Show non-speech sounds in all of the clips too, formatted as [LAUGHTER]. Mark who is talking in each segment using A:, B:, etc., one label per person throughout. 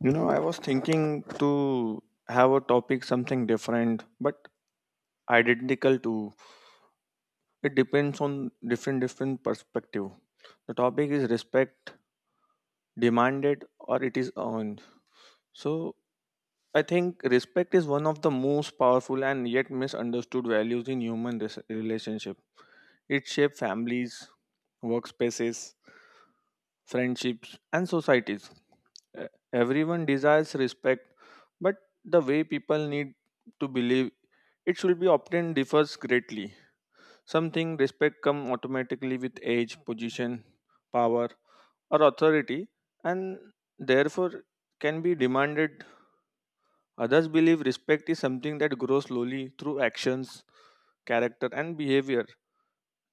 A: You know, I was thinking to have a topic something different, but identical to. It depends on different perspective. The topic is respect demanded or it is earned. So I think respect is one of the most powerful and yet misunderstood values in human relationship. It shapes families, workspaces, friendships, and societies. E- Everyone desires respect, but the way people need to believe it should be obtained differs greatly. Some think respect comes automatically with age, position, power, or authority, and therefore can be demanded. Others believe respect is something that grows slowly through actions, character, and behavior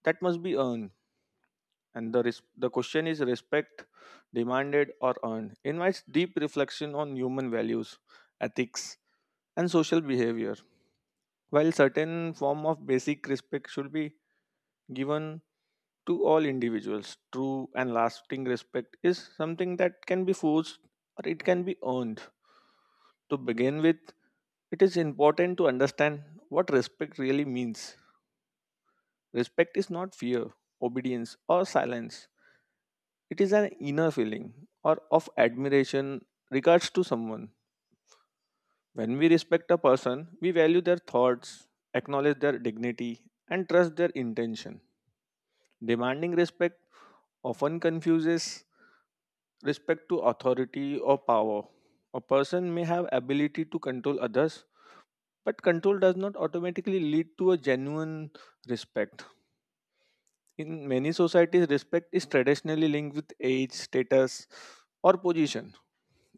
A: that must be earned. And the the question is, respect demanded or earned, invites deep reflection on human values, ethics, and social behavior. While certain form of basic respect should be given to all individuals, true and lasting respect is something that can be forced or it can be earned. To begin with, it is important to understand what respect really means. Respect is not fear, obedience, or silence. It is an inner feeling or of admiration regards to someone. When we respect a person, we value their thoughts, acknowledge their dignity, and trust their intention. Demanding respect often confuses respect to authority or power. A person may have ability to control others, but control does not automatically lead to a genuine respect. In many societies, respect is traditionally linked with age, status, or position.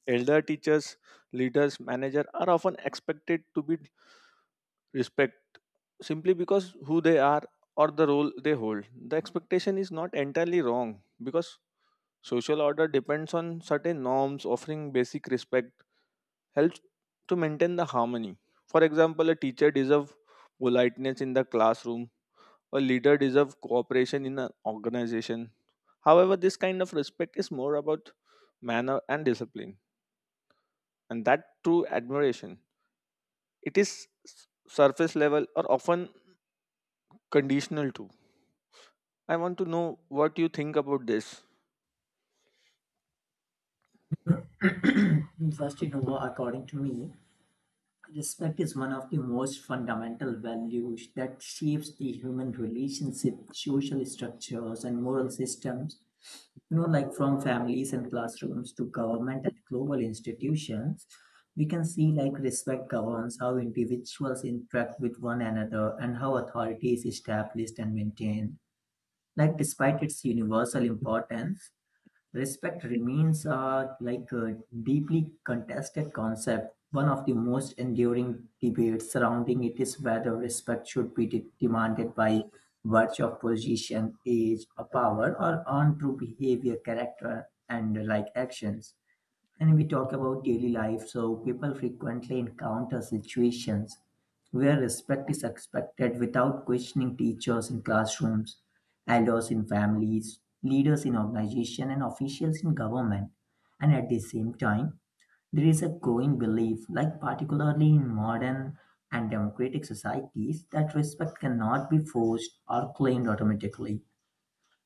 A: Elder teachers, leaders, managers are often expected to be respect simply because who they are or the role they hold. The expectation is not entirely wrong because social order depends on certain norms. Offering basic respect helps to maintain the harmony. For example, a teacher deserves politeness in the classroom, a leader deserves cooperation in an organization. However, this kind of respect is more about manner and discipline and that true admiration. It is s- surface level or often conditional too. I want to know what you think about this.
B: [CLEARS THROAT] First, according to me, respect is one of the most fundamental values that shapes the human relationship, social structures, and moral systems. Like from families and classrooms to government and global institutions, we can see like respect governs how individuals interact with one another and how authority is established and maintained. Like, despite its universal importance, respect remains a deeply contested concept. One of the most enduring debates surrounding it is whether respect should be demanded by virtue of position, age, or power, or on through behavior, character, and like actions. And we talk about daily life, so people frequently encounter situations where respect is expected without questioning teachers in classrooms, elders in families, leaders in organizations, and officials in government. And at the same time, there is a growing belief, like particularly in modern and democratic societies, that respect cannot be forced or claimed automatically.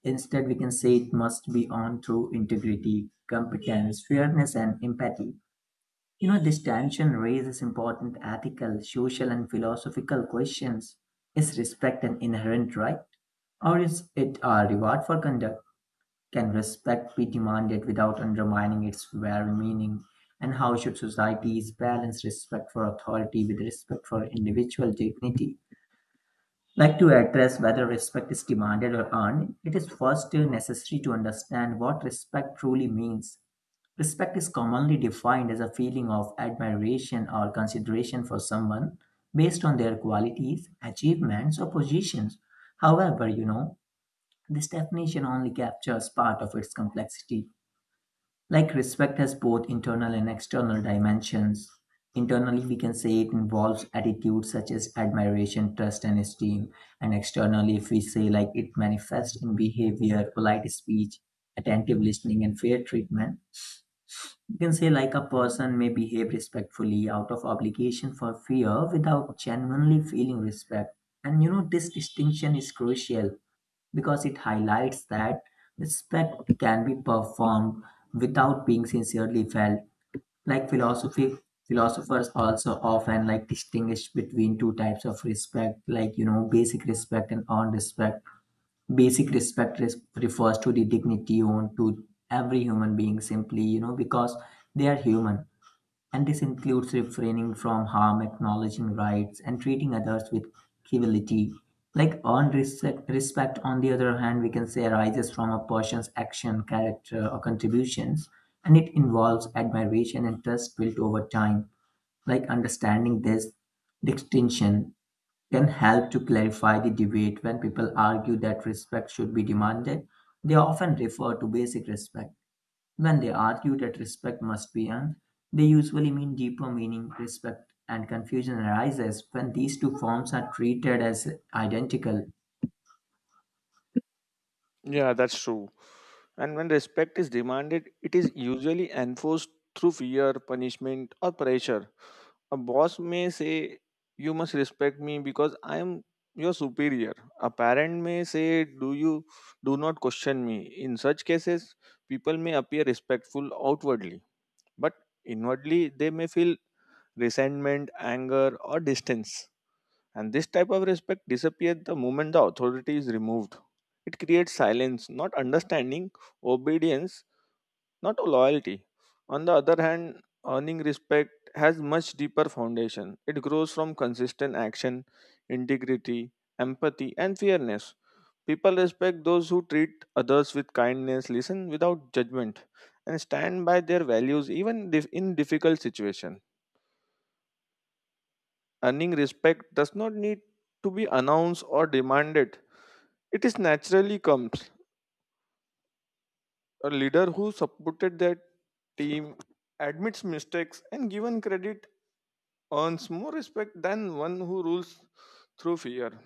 B: Instead, we can say it must be earned through integrity, competence, fairness, and empathy. This tension raises important ethical, social, and philosophical questions. Is respect an inherent right? Or is it a reward for conduct? Can respect be demanded without undermining its very meaning? And how should societies balance respect for authority with respect for individual dignity? Like to address whether respect is demanded or earned, it is first necessary to understand what respect truly means. Respect is commonly defined as a feeling of admiration or consideration for someone based on their qualities, achievements, or positions. However, this definition only captures part of its complexity. Like respect has both internal and external dimensions. Internally, we can say it involves attitudes such as admiration, trust, and esteem. And externally, if we say like it manifests in behavior, polite speech, attentive listening, and fair treatment, you can say like a person may behave respectfully out of obligation for fear without genuinely feeling respect. And this distinction is crucial because it highlights that respect can be performed without being sincerely felt. Like philosophy philosophers also often like distinguish between two types of respect, like basic respect and earned respect. Basic respect refers to the dignity owed to every human being simply, because they are human. And this includes refraining from harm, acknowledging rights, and treating others with civility. Like earned respect, respect, on the other hand, we can say arises from a person's action, character, or contributions, and it involves admiration and trust built over time. Like understanding this distinction can help to clarify the debate when people argue that respect should be demanded. They often refer to basic respect. When they argue that respect must be earned, they usually mean deeper meaning, respect, and confusion arises when these two forms are treated as identical.
A: Yeah, that's true. And when respect is demanded, it is usually enforced through fear, punishment, or pressure. A boss may say, "You must respect me because I am your superior." A parent may say, "Do you do not question me?" In such cases, people may appear respectful outwardly, but inwardly they may feel resentment, anger, or distance. And this type of respect disappeared the moment the authority is removed. It creates silence, not understanding, obedience, not loyalty. On the other hand, earning respect has much deeper foundation. It grows from consistent action, integrity, empathy, and fairness. People respect those who treat others with kindness, listen without judgment, and stand by their values even in difficult situations. Earning respect does not need to be announced or demanded. It is naturally comes. A leader who supported their team, admits mistakes, and given credit earns more respect than one who rules through fear.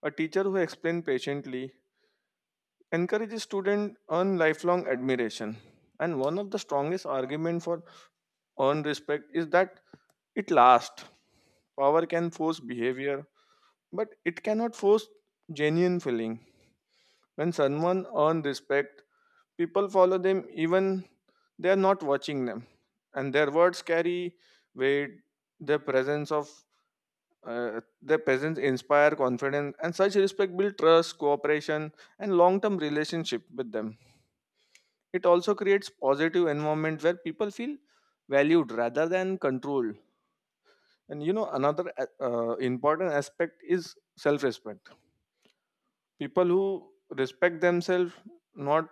A: A teacher who explains patiently encourages students earn lifelong admiration. And one of the strongest arguments for earned respect is that it lasts. Power can force behavior, but it cannot force genuine feeling. When someone earns respect, people follow them even they are not watching them, and their words carry weight. Their presence of their presence inspire confidence, and such respect build trust, cooperation, and long-term relationship with them. It also creates positive environment where people feel valued rather than controlled. And you know, another important aspect is self-respect. People who respect themselves not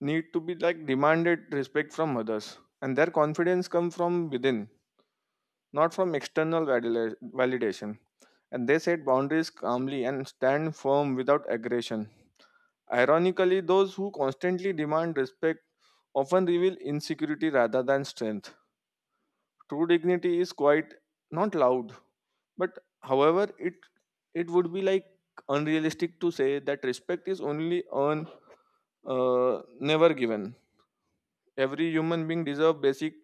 A: need to be like demanded respect from others, and their confidence come from within, not from external validation. And they set boundaries calmly and stand firm without aggression. Ironically, those who constantly demand respect often reveal insecurity rather than strength. True dignity is quite not loud, but however, it would be like unrealistic to say that respect is only earned, never given. Every human being deserves basic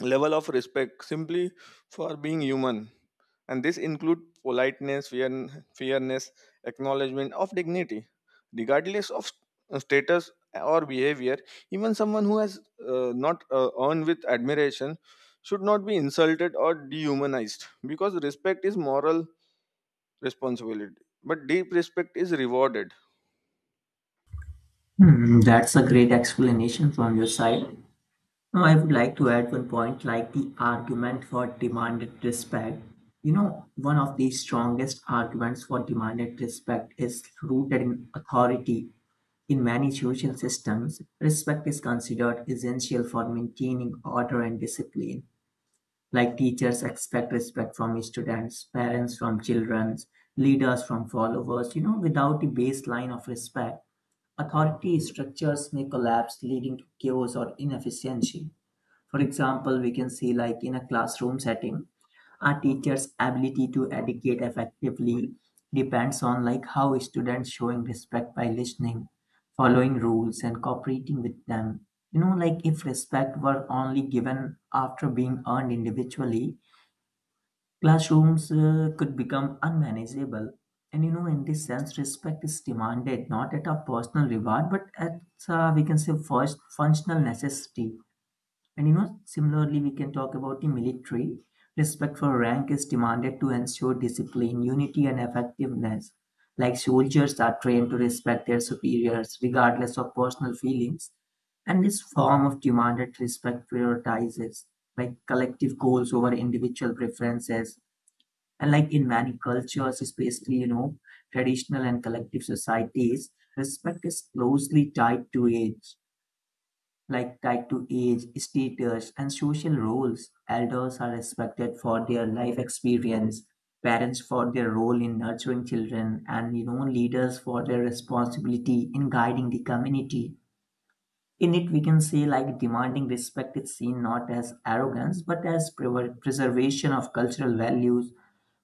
A: level of respect simply for being human, and this include politeness, fear, fairness, acknowledgement of dignity regardless of status or behavior. Even someone who has not earned with admiration should not be insulted or dehumanized because respect is moral responsibility, but deep respect is rewarded.
B: Hmm, that's a great explanation from your side. Now, I would like to add one point like the argument for demanded respect. One of the strongest arguments for demanded respect is rooted in authority. In many social systems, respect is considered essential for maintaining order and discipline. Like teachers expect respect from students, parents from children, leaders from followers. Without a baseline of respect, authority structures may collapse, leading to chaos or inefficiency. For example, we can see like in a classroom setting, a teacher's ability to educate effectively depends on like how students showing respect by listening, following rules and cooperating with them. Like if respect were only given after being earned individually, classrooms could become unmanageable. And in this sense, respect is demanded not at a personal reward, but at we can say first functional necessity. And similarly, we can talk about the military. Respect for rank is demanded to ensure discipline, unity, and effectiveness. Like soldiers are trained to respect their superiors regardless of personal feelings. And this form of demanded respect prioritizes like collective goals over individual preferences. And like in many cultures, especially, traditional and collective societies, respect is closely tied to age, status, and social roles. Elders are respected for their life experience, parents for their role in nurturing children, and leaders for their responsibility in guiding the community. In it, we can say like demanding respect is seen not as arrogance but as preservation of cultural values.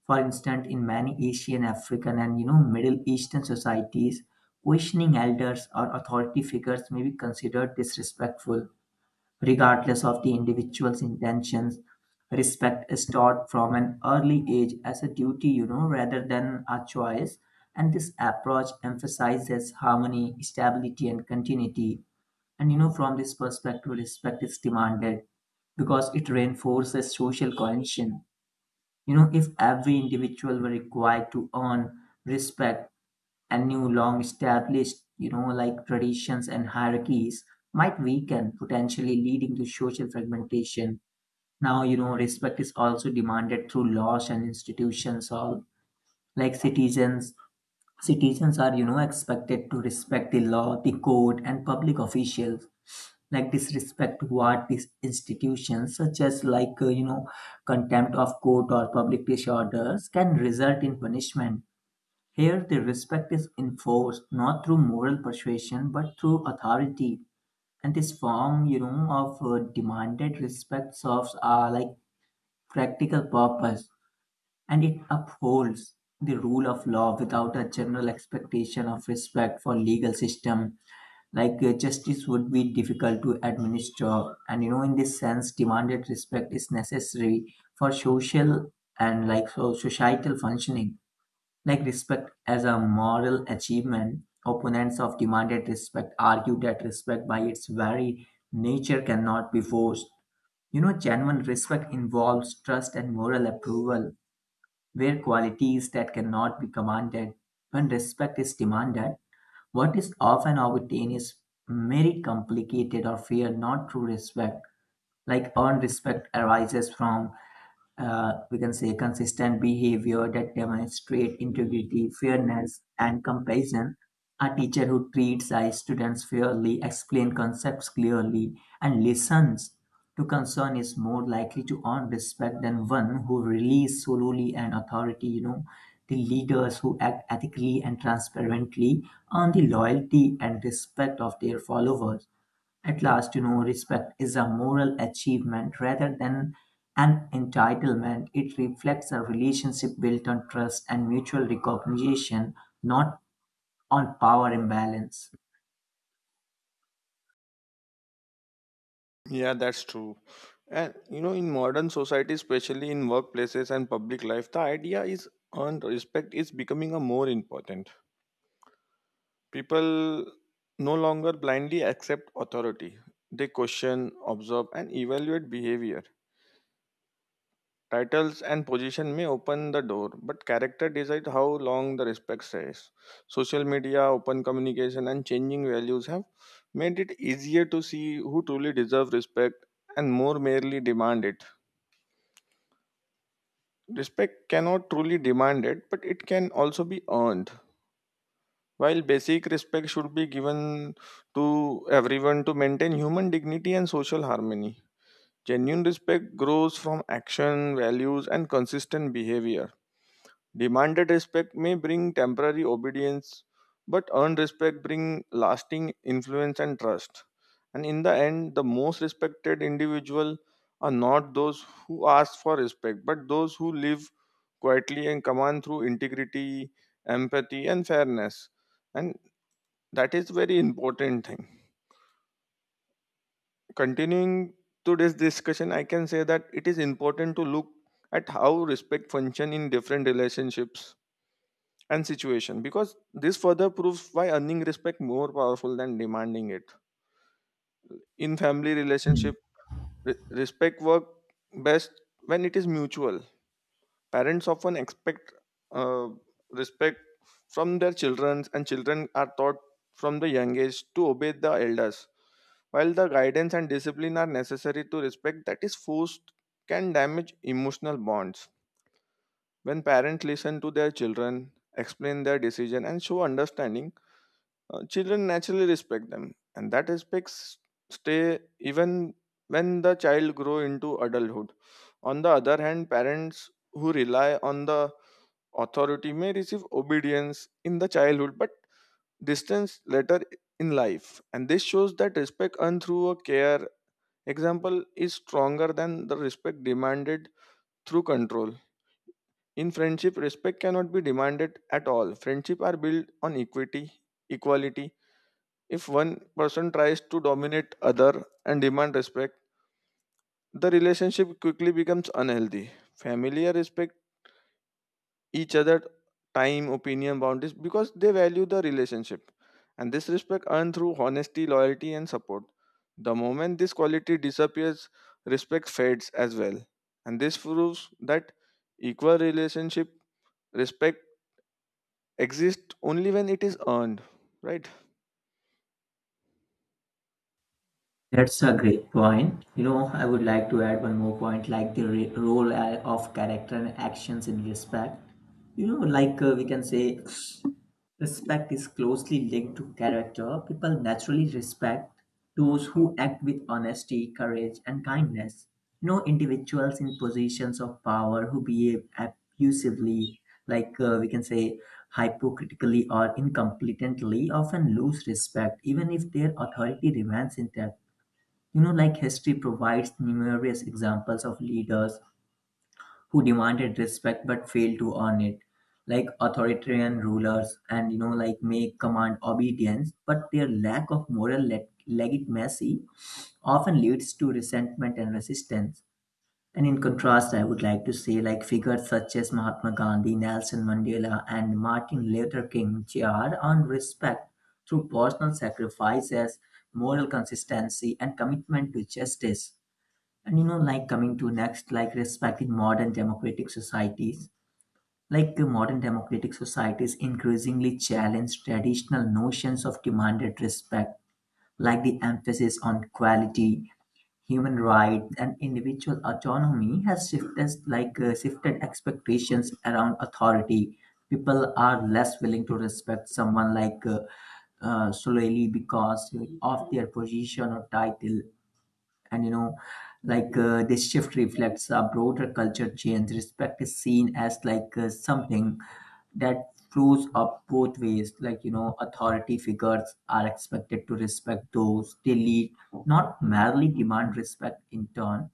B: For instance, in many Asian, African, and Middle Eastern societies, questioning elders or authority figures may be considered disrespectful. Regardless of the individual's intentions, respect is taught from an early age as a duty, rather than a choice. And this approach emphasizes harmony, stability, and continuity. And from this perspective, respect is demanded because it reinforces social cohesion. If every individual were required to earn respect, and new long established, like traditions and hierarchies might weaken, potentially leading to social fragmentation. Now, respect is also demanded through laws and institutions. All like citizens. Citizens are, expected to respect the law, the code, and public officials. Like disrespect toward these institutions, such as like contempt of court or public disorders, can result in punishment. Here the respect is enforced not through moral persuasion but through authority. And this form, of demanded respect serves like practical purpose, and it upholds the rule of law. Without a general expectation of respect for legal system, like justice would be difficult to administer. And in this sense demanded respect is necessary for social and like so societal functioning. Like respect as a moral achievement, opponents of demanded respect argue that respect by its very nature cannot be forced. Genuine respect involves trust and moral approval, where qualities that cannot be commanded. When respect is demanded, what is often obtained is merit complicated or fear, not true respect. Like earned respect arises from we can say consistent behavior that demonstrate integrity, fairness, and compassion. A teacher who treats our students fairly, explains concepts clearly, and listens to concern is more likely to earn respect than one who relies solely on authority. The leaders who act ethically and transparently earn the loyalty and respect of their followers. At last, respect is a moral achievement rather than an entitlement. It reflects a relationship built on trust and mutual recognition, not on power imbalance.
A: Yeah, that's true. And you know, in modern society, especially in workplaces and public life, the idea is earned respect is becoming a more important. People no longer blindly accept authority. They question, observe, and evaluate behavior. Titles and position may open the door, but character decides how long the respect stays. Social media, open communication, and changing values have made it easier to see who truly deserves respect and more merely demand it. Respect cannot truly demand it, but it can also be earned. While basic respect should be given to everyone to maintain human dignity and social harmony, genuine respect grows from action, values, and consistent behavior. Demanded respect may bring temporary obedience, but earned respect brings lasting influence and trust. And in the end, the most respected individual are not those who ask for respect, but those who live quietly and command through integrity, empathy, and fairness. And that is very important thing. Continuing today's discussion, I can say that it is important to look at how respect function in different relationships and situation, because this further proves why earning respect more powerful than demanding it. In family
B: Mm.
A: relationship, respect work best when it is mutual. Parents often expect uh, respect from their children, and children are taught from the young age to obey the elders. While the guidance and discipline are necessary, to respect that is forced can damage emotional bonds. When parents listen to their children, explain their decision, and show understanding, children naturally respect them, and that respects stay even when the child grow into adulthood. On the other hand, parents who rely on the authority may receive obedience in the childhood, but distance later in life. And this shows that respect earned through a care example is stronger than the respect demanded through control. In friendship, respect cannot be demanded at all. Friendship are built on equality. If one person tries to dominate other and demand respect, the relationship quickly becomes unhealthy. Familiar respect each other time, opinion, boundaries because they value the relationship. And this respect earned through honesty, loyalty, and support. The moment this quality disappears, respect fades as well. And this proves that equal relationship respect exists only when it is earned, right?
B: That's a great point. I would like to add one more point, like the role of character and actions in respect. Like we can say respect is closely linked to character. People naturally respect those who act with honesty, courage, and kindness. Individuals in positions of power who behave abusively, like we can say hypocritically or incompetently, often lose respect, even if their authority remains intact. Like history provides numerous examples of leaders who demanded respect but failed to earn it, like authoritarian rulers, and like may command obedience, but their lack of moral legitimacy often leads to resentment and resistance. And in contrast, I would like to say like figures such as Mahatma Gandhi, Nelson Mandela, and Martin Luther King Jr. earned respect through personal sacrifices, moral consistency, and commitment to justice. And like coming to next, like respecting modern democratic societies, like modern democratic societies increasingly challenge traditional notions of demanded respect. Like the emphasis on equality, human rights, and individual autonomy has shifted, like shifted expectations around authority. People are less willing to respect someone like solely because of their position or title. And like this shift reflects a broader culture change. Respect is seen as like something that flows up both ways, like authority figures are expected to respect those they lead, not merely demand respect in turn.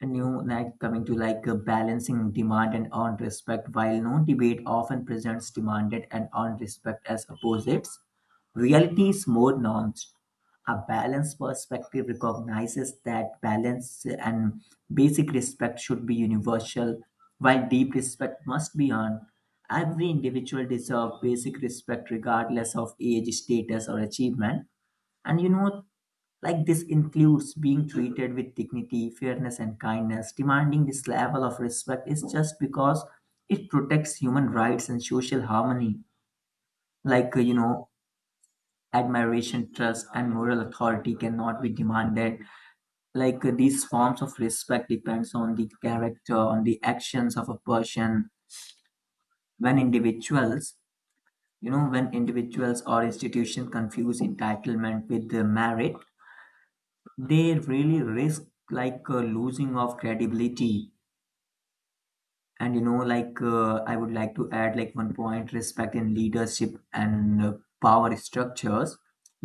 B: And like coming to like balancing demand and earned respect, while no debate often presents demanded and earned respect as opposites, reality is more nuanced. A balanced perspective recognizes that balance and basic respect should be universal, while deep respect must be earned. Every individual deserves basic respect regardless of age, status, or achievement. And like this includes being treated with dignity, fairness, and kindness. Demanding this level of respect is just because it protects human rights and social harmony. Like, admiration, trust, and moral authority cannot be demanded. Like, these forms of respect depends on the character, on the actions of a person. When individuals, when individuals or institutions confuse entitlement with merit, they really risk losing of credibility and you know like I would like to add one point respect in leadership and power structures.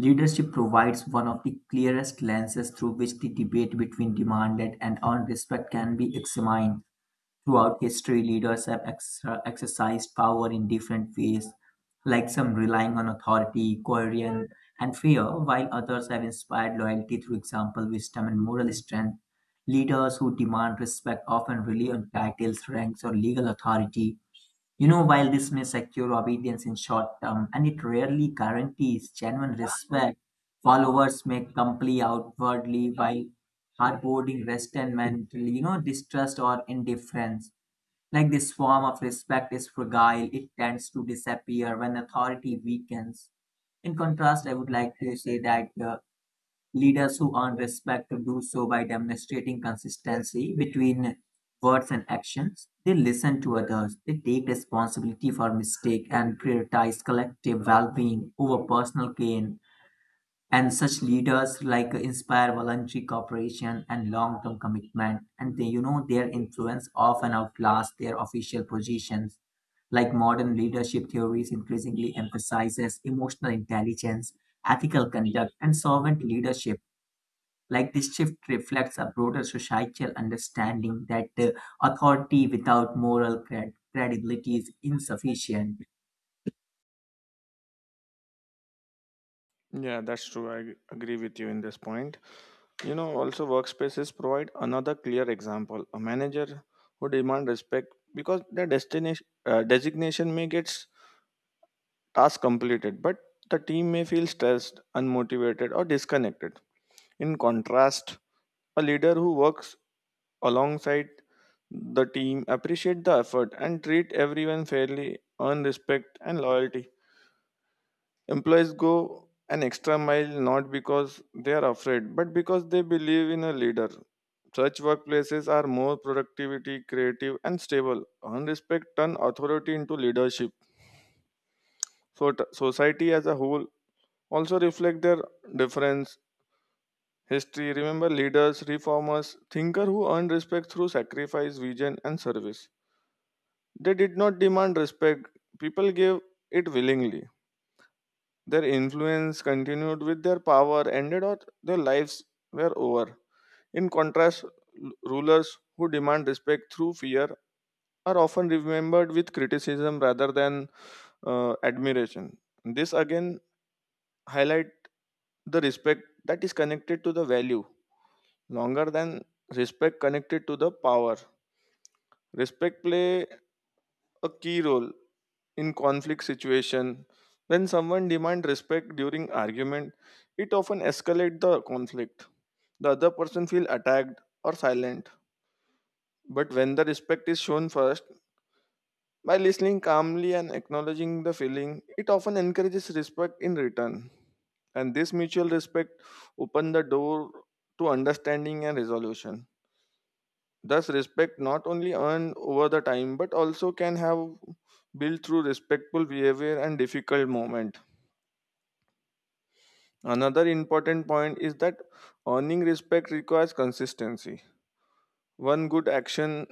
B: Leadership provides one of the clearest lenses through which the debate between demanded and earned respect can be examined. Throughout history, leaders have exercised power in different ways, like some relying on authority, coercion, and fear, while others have inspired loyalty through example, wisdom, and moral strength. Leaders who demand respect often rely on titles, ranks, or legal authority. You know, while this may secure obedience in short term, and it rarely guarantees genuine respect, followers may comply outwardly while harboring resentment, you know, distrust or indifference. Like this form of respect is fragile, it tends to disappear when authority weakens. In contrast, I would like to say that leaders who earn respect do so by demonstrating consistency between words and actions. They listen to others, they take responsibility for mistake and prioritize collective well-being over personal gain. And such leaders like inspire voluntary cooperation and long-term commitment. And they, you know, their influence often outlasts their official positions. Like modern leadership theories increasingly emphasizes emotional intelligence, ethical conduct, and servant leadership. Like this shift reflects a broader societal understanding that authority without moral credibility is insufficient.
A: Yeah, that's true. I agree with you in this point. You know, also workspaces provide another clear example. A manager who demand respect because their destination designation may get task completed, but the team may feel stressed, unmotivated, or disconnected. In contrast, a leader who works alongside the team, appreciate the effort, and treat everyone fairly, earn respect and loyalty. Employees go an extra mile not because they are afraid, but because they believe in a leader. Such workplaces are more productivity, creative, and stable. Earn respect turn authority into leadership. So society as a whole also reflect their difference. History remember leaders, reformers, thinker who earned respect through sacrifice, vision, and service. They did not demand respect; people gave it willingly. Their influence continued with their power ended or their lives were over. In contrast, rulers who demand respect through fear are often remembered with criticism rather than admiration. This again highlight the respect that is connected to the value longer than respect connected to the power. Respect play a key role in conflict situation. When someone demands respect during argument, it often escalates the conflict. The other person feel attacked or silent. But when the respect is shown first by listening calmly and acknowledging the feeling, it often encourages respect in return. And this mutual respect open the door to understanding and resolution. Thus, respect not only earned over the time but also can have built through respectful behavior and difficult moment. Another important point is that earning respect requires consistency. One good action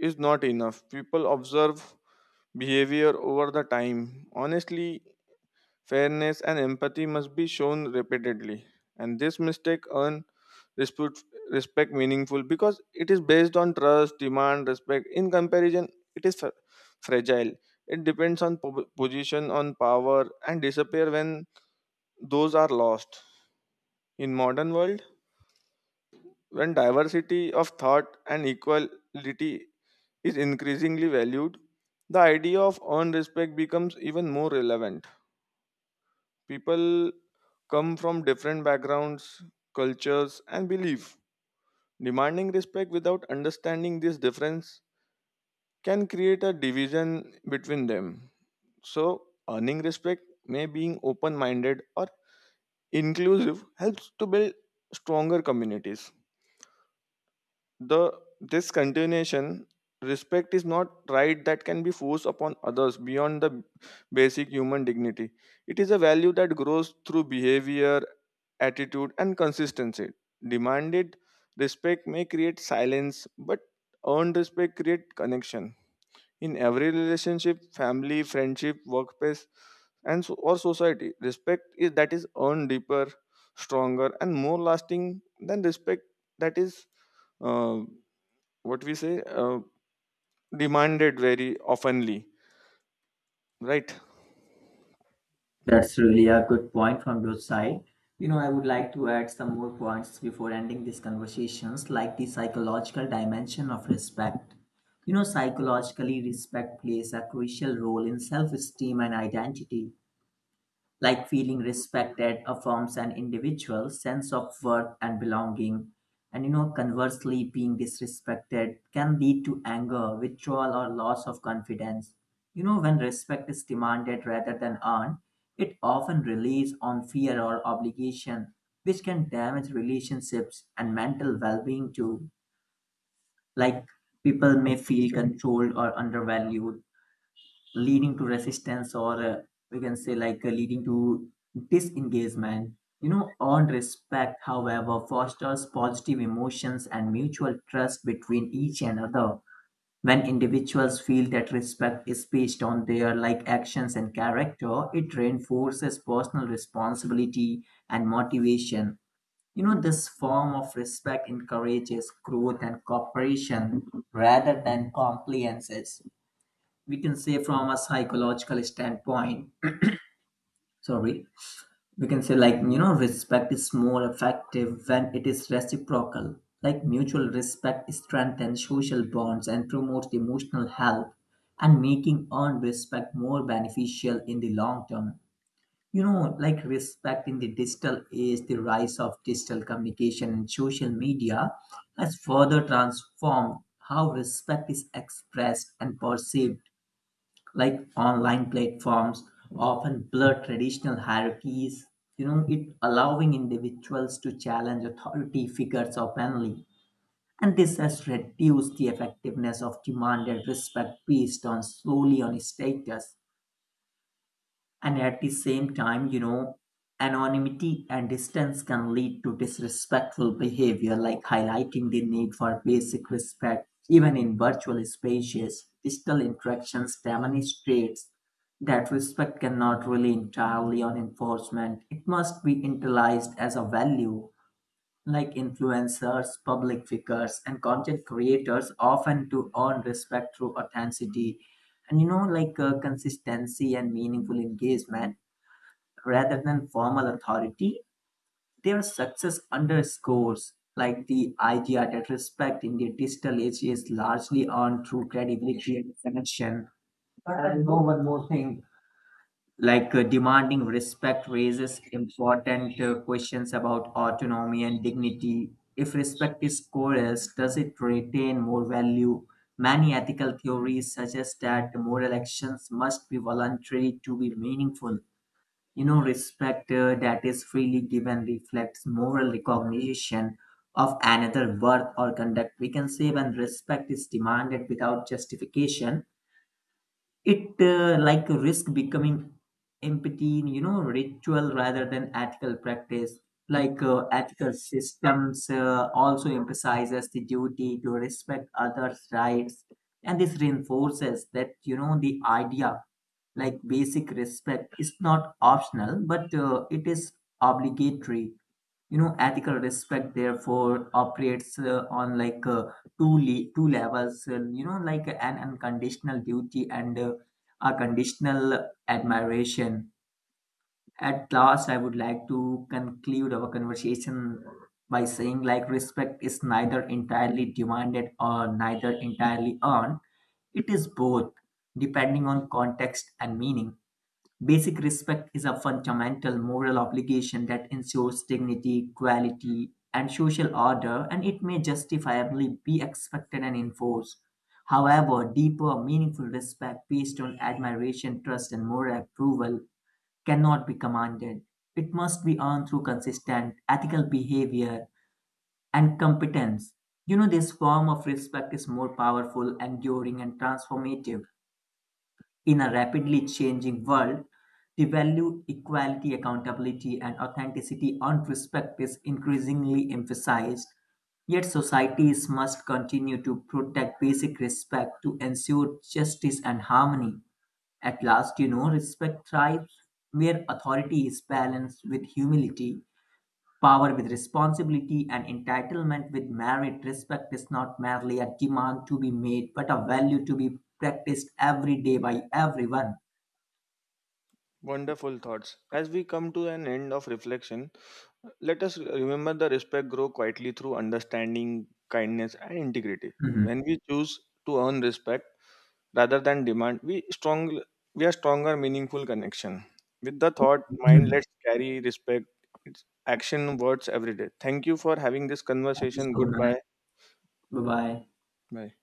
A: is not enough. People observe behavior over the time. Honestly, fairness, and empathy must be shown repeatedly, and this mistake earn respect, respect meaningful because it is based on trust, demand, respect. In comparison, it is fragile. It depends on position, on power, and disappear when those are lost. In modern world, when diversity of thought and equality is increasingly valued, the idea of earned respect becomes even more relevant. People come from different backgrounds, cultures, and belief. Demanding respect without understanding this difference can create a division between them. So, earning respect may being open minded or inclusive helps to build stronger communities. The This continuation, respect is not right that can be forced upon others beyond the basic human dignity. It is a value that grows through behavior, attitude, and consistency. Demanded respect may create silence, but earned respect create connection. In every relationship, family, friendship, workplace, and so, or society, respect is that is earned deeper, stronger, and more lasting than respect that is uh, what we say demanded very oftenly, right?
B: That's really a good point from your side. You know, I would like to add some more points before ending these conversations, like the psychological dimension of respect. You know, psychologically, respect plays a crucial role in self esteem and identity, like feeling respected affirms an individual's sense of worth and belonging. And you know, conversely, being disrespected can lead to anger, withdrawal, or loss of confidence. You know, when respect is demanded rather than earned, it often relies on fear or obligation, which can damage relationships and mental well being too. Like people may feel controlled or undervalued, leading to resistance or we can say leading to disengagement. You know, earned respect however fosters positive emotions and mutual trust between each and other. When individuals feel that respect is based on their like actions and character, it reinforces personal responsibility and motivation. You know, this form of respect encourages growth and cooperation rather than compliances. We can say, from a psychological standpoint, sorry, we can say, like, you know, respect is more effective when it is reciprocal. Like mutual respect strengthens social bonds and promotes emotional health, and making earned respect more beneficial in the long term. You know, like respect in the digital age, the rise of digital communication and social media has further transformed how respect is expressed and perceived. Like online platforms often blur traditional hierarchies, you know, it allowing individuals to challenge authority figures openly, and this has reduced the effectiveness of demanded respect based on solely on status. And at the same time, you know, anonymity and distance can lead to disrespectful behavior, like highlighting the need for basic respect, even in virtual spaces. Digital interactions demonstrates that respect cannot rely entirely on enforcement. It must be internalized as a value, like influencers, public figures, and content creators often to earn respect through authenticity and consistency and meaningful engagement rather than formal authority. Their success underscores like the idea that respect in the digital age is largely earned through credibility and connection. And know one more thing. Demanding respect raises important questions about autonomy and dignity. If respect is coerced, does it retain more value? Many ethical theories suggest that moral actions must be voluntary to be meaningful. You know, respect that is freely given reflects moral recognition of another worth or conduct. We can say when respect is demanded without justification, it like risk becoming empathy, you know, ritual rather than ethical practice. Ethical systems also emphasizes the duty to respect others rights, and this reinforces that, you know, the idea, like basic respect is not optional, but it is obligatory. You know, ethical respect therefore operates on two levels, you know, like an unconditional duty and a conditional admiration. At last, I would like to conclude our conversation by saying, like, respect is neither entirely demanded or neither entirely earned. It is both, depending on context and meaning. Basic respect is a fundamental moral obligation that ensures dignity, equality, and social order, and it may justifiably be expected and enforced. However, deeper, meaningful respect based on admiration, trust, and moral approval cannot be commanded. It must be earned through consistent ethical behavior and competence. You know, this form of respect is more powerful, enduring, and transformative. In a rapidly changing world, the value equality, accountability, and authenticity on respect is increasingly emphasized. Yet societies must continue to protect basic respect to ensure justice and harmony. At last, you know, respect thrives where authority is balanced with humility, power with responsibility, and entitlement with merit. Respect is not merely a demand to be made, but a value to be practiced every day by everyone.
A: Wonderful thoughts. As we come to an end of reflection, let us remember the respect grow quietly through understanding, kindness, and integrity.
B: Mhm.
A: When we choose to earn respect rather than demand, we are stronger meaningful connection. With the thought mind,
B: Mhm.
A: let's carry respect its action words every day. Thank you for having this
B: Thank you
A: conversation.
B: so much.
A: Goodbye,
B: Bye bye.
A: bye.